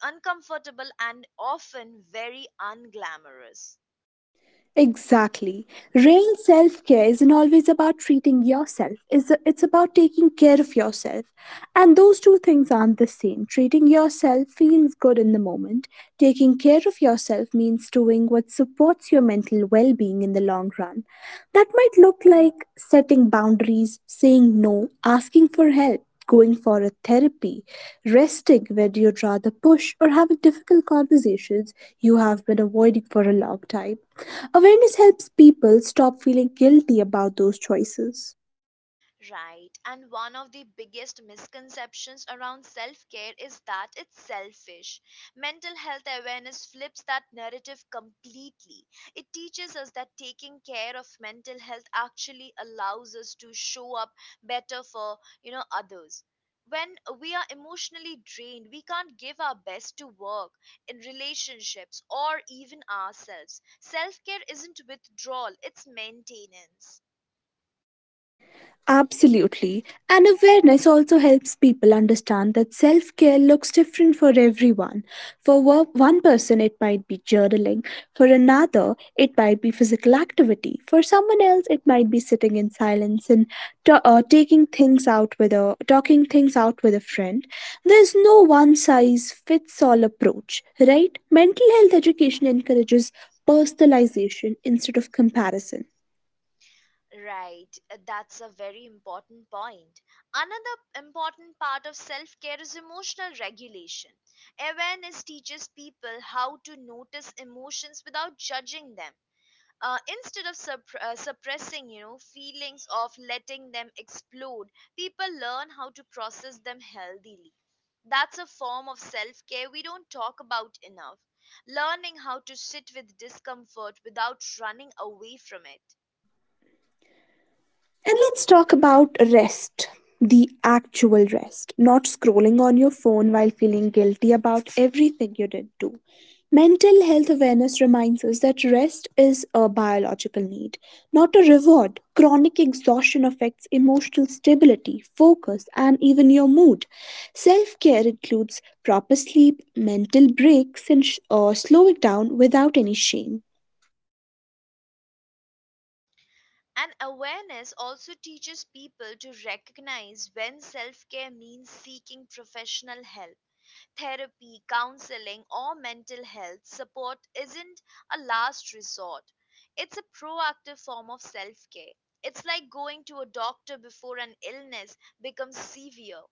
[SPEAKER 1] uncomfortable, and often very unglamorous.
[SPEAKER 2] Exactly. Real self care isn't always about treating yourself, it's it's about taking care of yourself. And those two things aren't the same. Treating yourself feels good in the moment, taking care of yourself means doing what supports your mental well being in the long run. That might look like setting boundaries, saying no, asking for help. Going for a therapy, resting where you'd rather push, or having difficult conversations you have been avoiding for a long time. Awareness helps people stop feeling guilty about those choices.
[SPEAKER 1] Right. And one of the biggest misconceptions around self care is that it's selfish. Mental health awareness flips that narrative completely. It teaches us that taking care of mental health actually allows us to show up better for, you know, others. When we are emotionally drained, we can't give our best to work, in relationships, or even ourselves. Self care isn't withdrawal, it's maintenance.
[SPEAKER 2] Absolutely. And awareness also helps people understand that self care looks different for everyone. For wo- one person, it might be journaling. For another, it might be physical activity. For someone else, it might be sitting in silence and ta uh, taking things out with a talking things out with a friend. There's no one size fits all approach, right? Mental health education encourages personalization instead of comparison.
[SPEAKER 1] Right, that's a very important point. Another important part of self care is emotional regulation. Awareness teaches people how to notice emotions without judging them. Uh, instead of supp- uh, suppressing, you know, feelings of letting them explode, people learn how to process them healthily. That's a form of self care we don't talk about enough. Learning how to sit with discomfort without running away from it.
[SPEAKER 2] And let's talk about rest, the actual rest, not scrolling on your phone while feeling guilty about everything you did do. Mental health awareness reminds us that rest is a biological need, not a reward. Chronic exhaustion affects emotional stability, focus, and even your mood. Self care includes proper sleep, mental breaks, and sh- uh, slowing down without any shame.
[SPEAKER 1] And awareness also teaches people to recognize when self care means seeking professional help. Therapy, counseling, or mental health support isn't a last resort, it's a proactive form of self care. It's like going to a doctor before an illness becomes severe.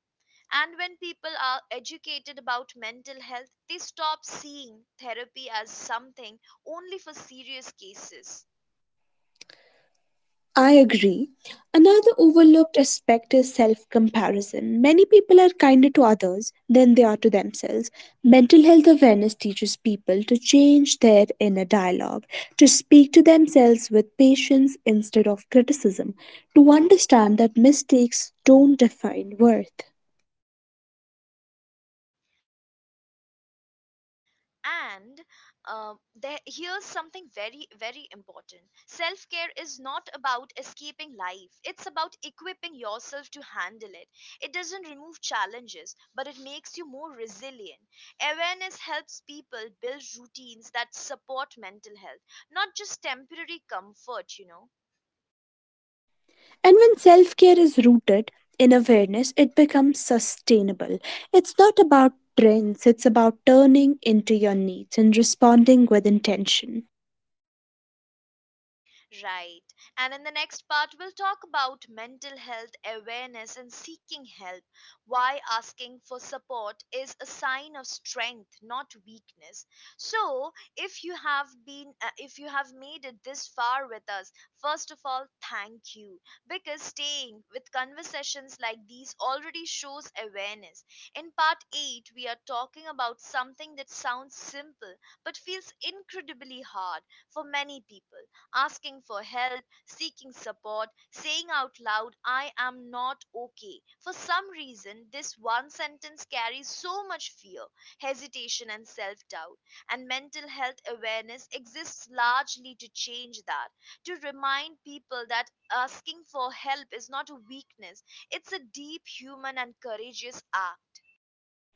[SPEAKER 1] And when people are educated about mental health, they stop seeing therapy as something only for serious cases.
[SPEAKER 2] I agree. Another overlooked aspect is self comparison. Many people are kinder to others than they are to themselves. Mental health awareness teaches people to change their inner dialogue, to speak to themselves with patience instead of criticism, to understand that mistakes don't define worth.
[SPEAKER 1] And um, there here's something very, very important. Self care is not about escaping life, it's about equipping yourself to handle it. It doesn't remove challenges, but it makes you more resilient. Awareness helps people build routines that support mental health, not just temporary comfort, you know.
[SPEAKER 2] And when self care is rooted in awareness, it becomes sustainable. It's not about trends, it's about turning into your needs and responding with intention.
[SPEAKER 1] Right. And in the next part, we'll talk about mental health awareness and seeking help. Why asking for support is a sign of strength, not weakness. So, if you have been, uh, if you have made it this far with us, first of all, thank you, because staying with conversations like these already shows awareness. In part eight, we are talking about something that sounds simple but feels incredibly hard for many people: asking for help, seeking support, saying out loud, "I am not okay." For some reason, this one sentence carries so much fear, hesitation, and self doubt. And mental health awareness exists largely to change that, to remind people that asking for help is not a weakness, it's a deep human and courageous act.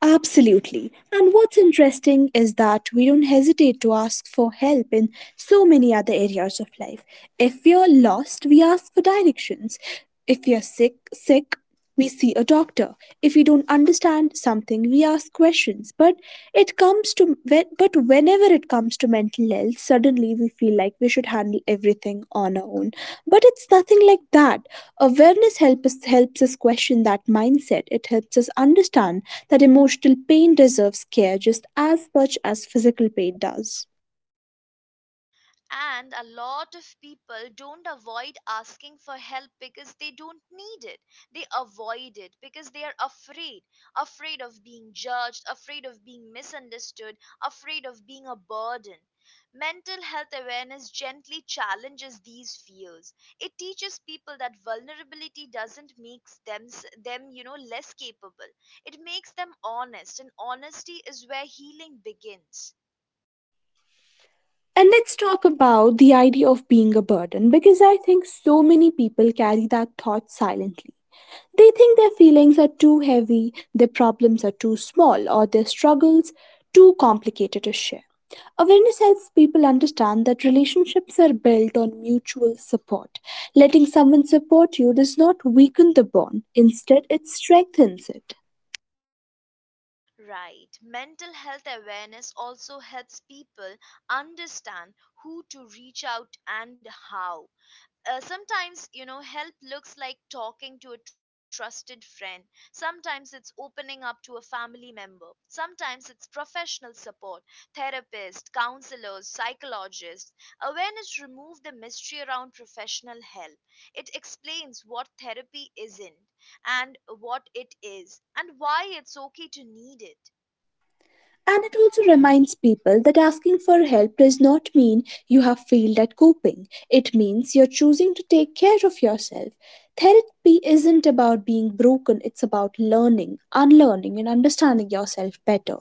[SPEAKER 2] Absolutely. And what's interesting is that we don't hesitate to ask for help in so many other areas of life. If we are lost, we ask for directions. If we are sick, sick, we see a doctor. If we don't understand something, we ask questions. But it comes comes to when, but whenever it comes to mental health, suddenly we feel like we should handle everything on our own, but it's nothing like that. Awareness help us, helps us question that mindset. It helps us understand that emotional pain deserves care just as much as physical pain does.
[SPEAKER 1] And a lot of people don't avoid asking for help because they don't need it. They avoid it because they are afraid: afraid of being judged, afraid of being misunderstood, afraid of being a burden. Mental health awareness gently challenges these fears. It teaches people that vulnerability doesn't make them, them you know, less capable. It makes them honest, and honesty is where healing begins.
[SPEAKER 2] And let's talk about the idea of being a burden, because I think so many people carry that thought silently. They think their feelings are too heavy, their problems are too small, or their struggles too complicated to share. Awareness helps people understand that relationships are built on mutual support. Letting someone support you does not weaken the bond; instead, it strengthens it.
[SPEAKER 1] Right. Mental health awareness also helps people understand who to reach out and how. Uh, sometimes, you know, help looks like talking to a trusted friend. Sometimes it's opening up to a family member. Sometimes it's professional support, therapist, counselors, psychologists. Awareness removes the mystery around professional help. It explains what therapy isn't and what it is and why it's okay to need it.
[SPEAKER 2] And it also reminds people that asking for help does not mean you have failed at coping. It means you're choosing to take care of yourself. Therapy isn't about being broken, it's about learning, unlearning, and understanding yourself better.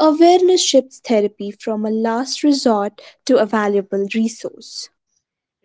[SPEAKER 2] Awareness shifts therapy from a last resort to a valuable resource.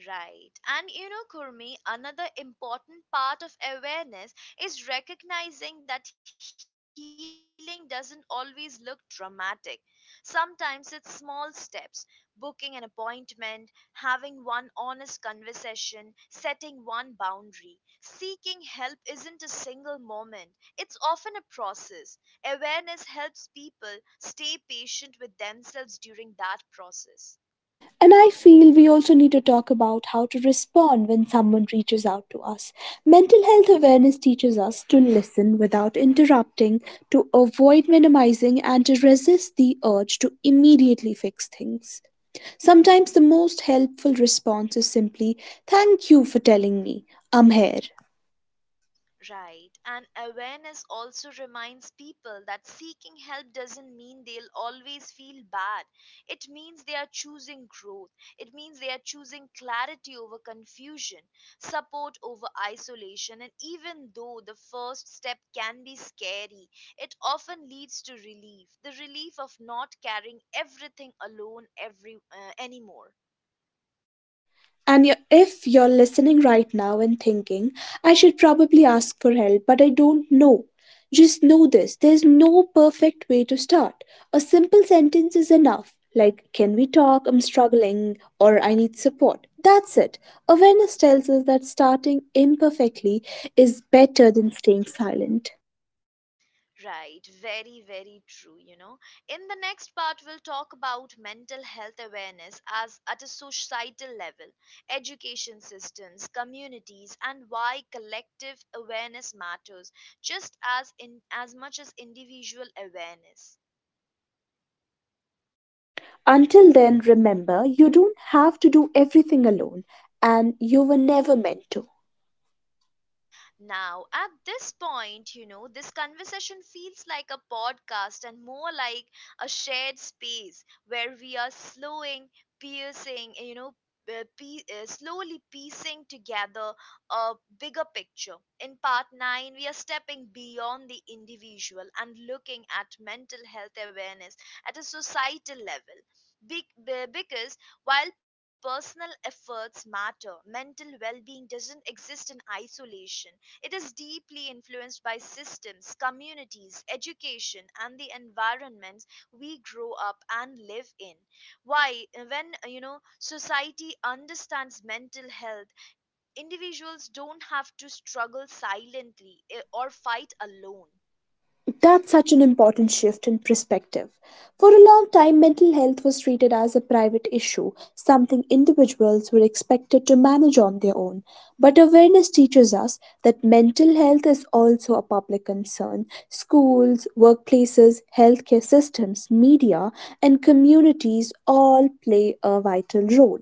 [SPEAKER 1] Right. And you know, Kurmi, another important part of awareness is recognizing that healing doesn't always look dramatic. Sometimes it's small steps: booking an appointment, having one honest conversation, setting one boundary. Seeking help isn't a single moment, it's often a process. Awareness helps people stay patient with themselves during that process.
[SPEAKER 2] And I feel we also need to talk about how to respond when someone reaches out to us. Mental health awareness teaches us to listen without interrupting, to avoid minimizing, and to resist the urge to immediately fix things. Sometimes the most helpful response is simply, "Thank you for telling me, I'm here."
[SPEAKER 1] Right. And awareness also reminds people that seeking help doesn't mean they'll always feel bad. It means they are choosing growth. It means they are choosing clarity over confusion, support over isolation. And even though the first step can be scary, it often leads to relief, the relief of not carrying everything alone every, uh, anymore.
[SPEAKER 2] And you if you're listening right now and thinking, "I should probably ask for help, but I don't know," just know this: there's no perfect way to start. A simple sentence is enough, like, "Can we talk? I'm struggling," or "I need support." That's it. Awareness tells us that starting imperfectly is better than staying silent.
[SPEAKER 1] Right, very, very true. You know, in the next part, we'll talk about mental health awareness as at a societal level, education systems, communities, and why collective awareness matters just as in as much as individual awareness.
[SPEAKER 2] Until then, remember, you don't have to do everything alone, and you were never meant to.
[SPEAKER 1] Now, at this point, you know, this conversation feels like a podcast and more like a shared space where we are slowing, piercing, you know, uh, pie- uh, slowly piecing together a bigger picture. In part nine, we are stepping beyond the individual and looking at mental health awareness at a societal level. Be- be- because while personal efforts matter, mental well being doesn't exist in isolation. It is deeply influenced by systems, communities, education, and the environments we grow up and live in. Why, when you know society understands mental health, individuals don't have to struggle silently eh, or fight alone.
[SPEAKER 2] That's such an important shift in perspective. For a long time, mental health was treated as a private issue, something individuals were expected to manage on their own. But awareness teaches us that mental health is also a public concern. Schools, workplaces, healthcare systems, media, and communities all play a vital role.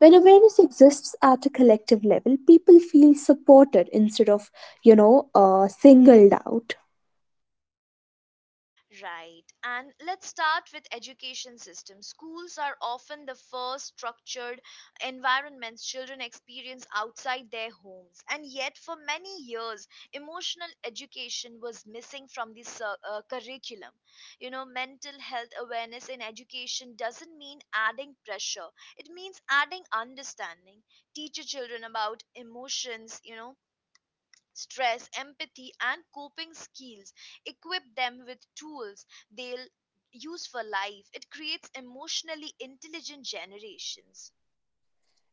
[SPEAKER 2] When awareness exists at a collective level, people feel supported instead of, you know, uh, singled out.
[SPEAKER 1] Right. And let's start with education system. Schools are often the first structured environments children experience outside their homes. And yet for many years emotional education was missing from the cir- uh, curriculum. You know, mental health awareness in education doesn't mean adding pressure. It means adding understanding. Teach your children about emotions, you know, stress, empathy, and coping skills, equip them with tools they'll use for life. It creates emotionally intelligent generations.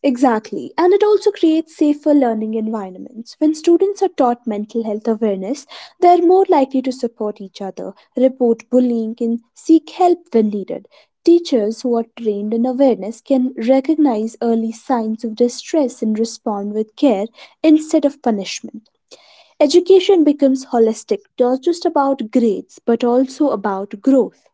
[SPEAKER 2] Exactly, and it also creates safer learning environments. When students are taught mental health awareness, they are more likely to support each other, report bullying, and seek help when needed. Teachers who are trained in awareness can recognize early signs of distress and respond with care instead of punishment. Education becomes holistic, not just about grades, but also about growth.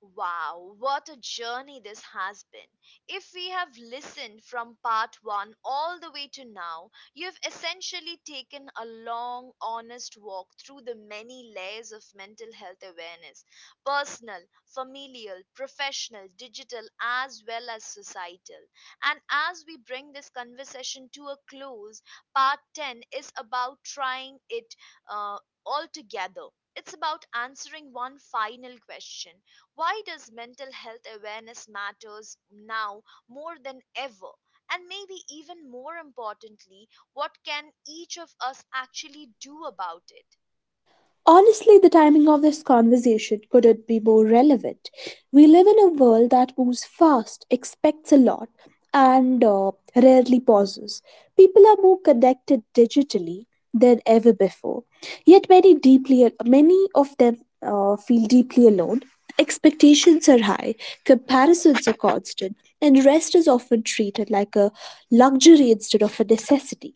[SPEAKER 1] Wow, what a journey this has been. If we have listened from part one all the way to now, you've essentially taken a long, honest walk through the many layers of mental health awareness: personal, familial, professional, digital, as well as societal. And as we bring this conversation to a close, part ten is about trying it uh, all together. It's about answering one final question: why does mental health awareness matters now more than ever, and maybe even more importantly, what can each of us actually do about it?
[SPEAKER 2] Honestly, the timing of this conversation couldn't be more relevant. We live in a world that moves fast, expects a lot, and uh, rarely pauses. People are more connected digitally than ever before. Yet many deeply many of them uh, feel deeply alone. Expectations are high, comparisons are constant, and rest is often treated like a luxury instead of a necessity.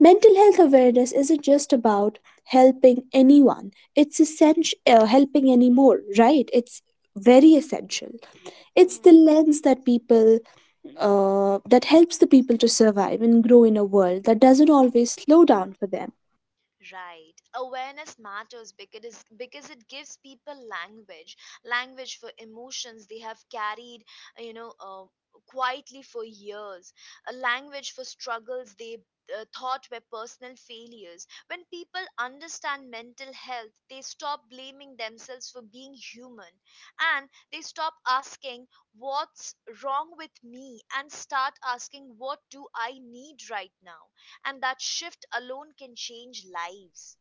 [SPEAKER 2] Mental health awareness isn't just about helping anyone. It's essential uh, helping anymore, right? It's very essential. It's the lens that people uh, that helps the people to survive and grow in a world that doesn't always slow down for them.
[SPEAKER 1] Right. Awareness matters because because it gives people language, language for emotions they have carried, you know, uh, quietly for years, a language for struggles they uh, thought were personal failures. When people understand mental health, they stop blaming themselves for being human, and they stop asking what's wrong with me and start asking what do I need right now, and that shift alone can change lives.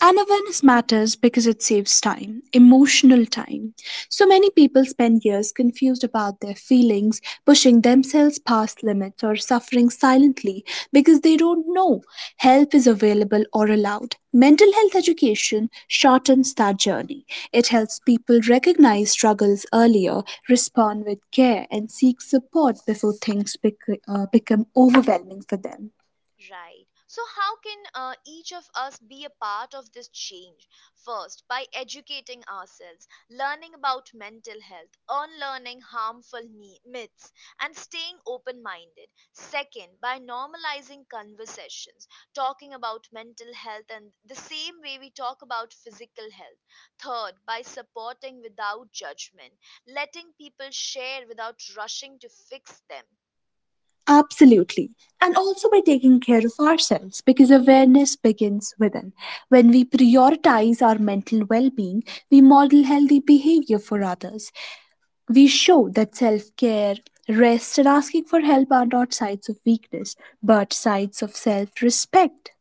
[SPEAKER 2] And awareness matters because it saves time, emotional time. So many people spend years confused about their feelings, pushing themselves past limits, or suffering silently because they don't know help is available or allowed. Mental health education shortens that journey. It helps people recognize struggles earlier, respond with care, and seek support before things bec- uh, become overwhelming for them.
[SPEAKER 1] Right, so how can uh, each of us be a part of this change? First, by educating ourselves, learning about mental health, unlearning harmful me- myths, and staying open minded. Second, by normalizing conversations, talking about mental health and the same way we talk about physical health. Third, by supporting without judgment, letting people share without rushing to fix them.
[SPEAKER 2] Absolutely. And also by taking care of ourselves, because awareness begins within. When we prioritize our mental well being, we model healthy behavior for others. We show that self care, rest, and asking for help are not signs of weakness, but signs of self respect.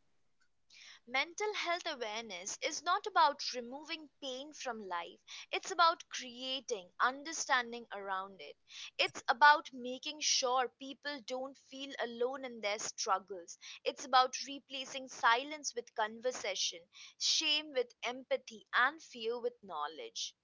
[SPEAKER 1] Mental health awareness is not about removing pain from life, it's about creating understanding around it. It's about making sure people don't feel alone in their struggles. It's about replacing silence with conversation, shame with empathy, and fear with knowledge.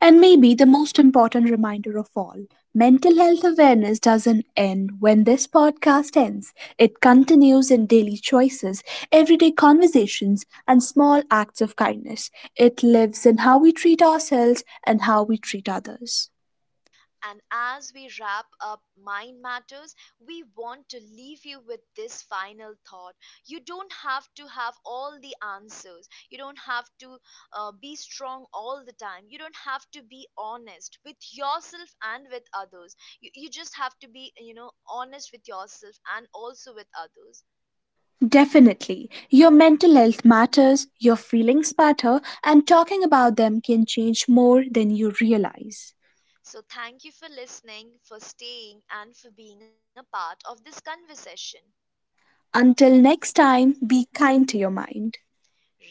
[SPEAKER 2] And maybe the most important reminder of all: mental health awareness doesn't end when this podcast ends. It continues in daily choices, everyday conversations, and small acts of kindness. It lives in how we treat ourselves and how we treat others.
[SPEAKER 1] And as we wrap up Mind Matters, we want to leave you with this final thought. You don't have to have all the answers. You don't have to uh, be strong all the time. You don't have to be honest with yourself and with others. You, you just have to be, you know, honest with yourself and also with others.
[SPEAKER 2] Definitely. Your mental health matters, your feelings matter, and talking about them can change more than you realize.
[SPEAKER 1] So thank you for listening, for staying, and for being a part of this conversation.
[SPEAKER 2] Until next time, be kind to your mind.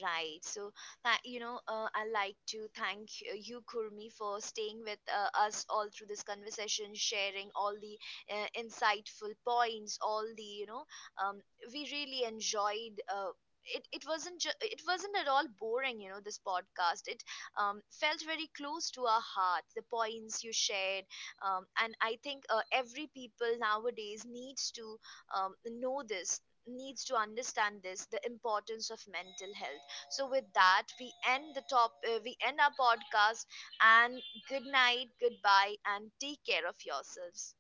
[SPEAKER 1] Right. So, tha- you know, uh, I like to thank y- you, Kurmi, for staying with uh, us all through this conversation, sharing all the uh, insightful points, all the, you know, um, we really enjoyed. Uh, it, it wasn't ju- it wasn't at all boring, you know, this podcast, it um, felt very close to our heart, the points you shared, um, and I think uh, every people nowadays needs to um, know this, needs to understand this, the importance of mental health. So with that we end the top uh, we end our podcast, and good night, goodbye, and take care of yourselves.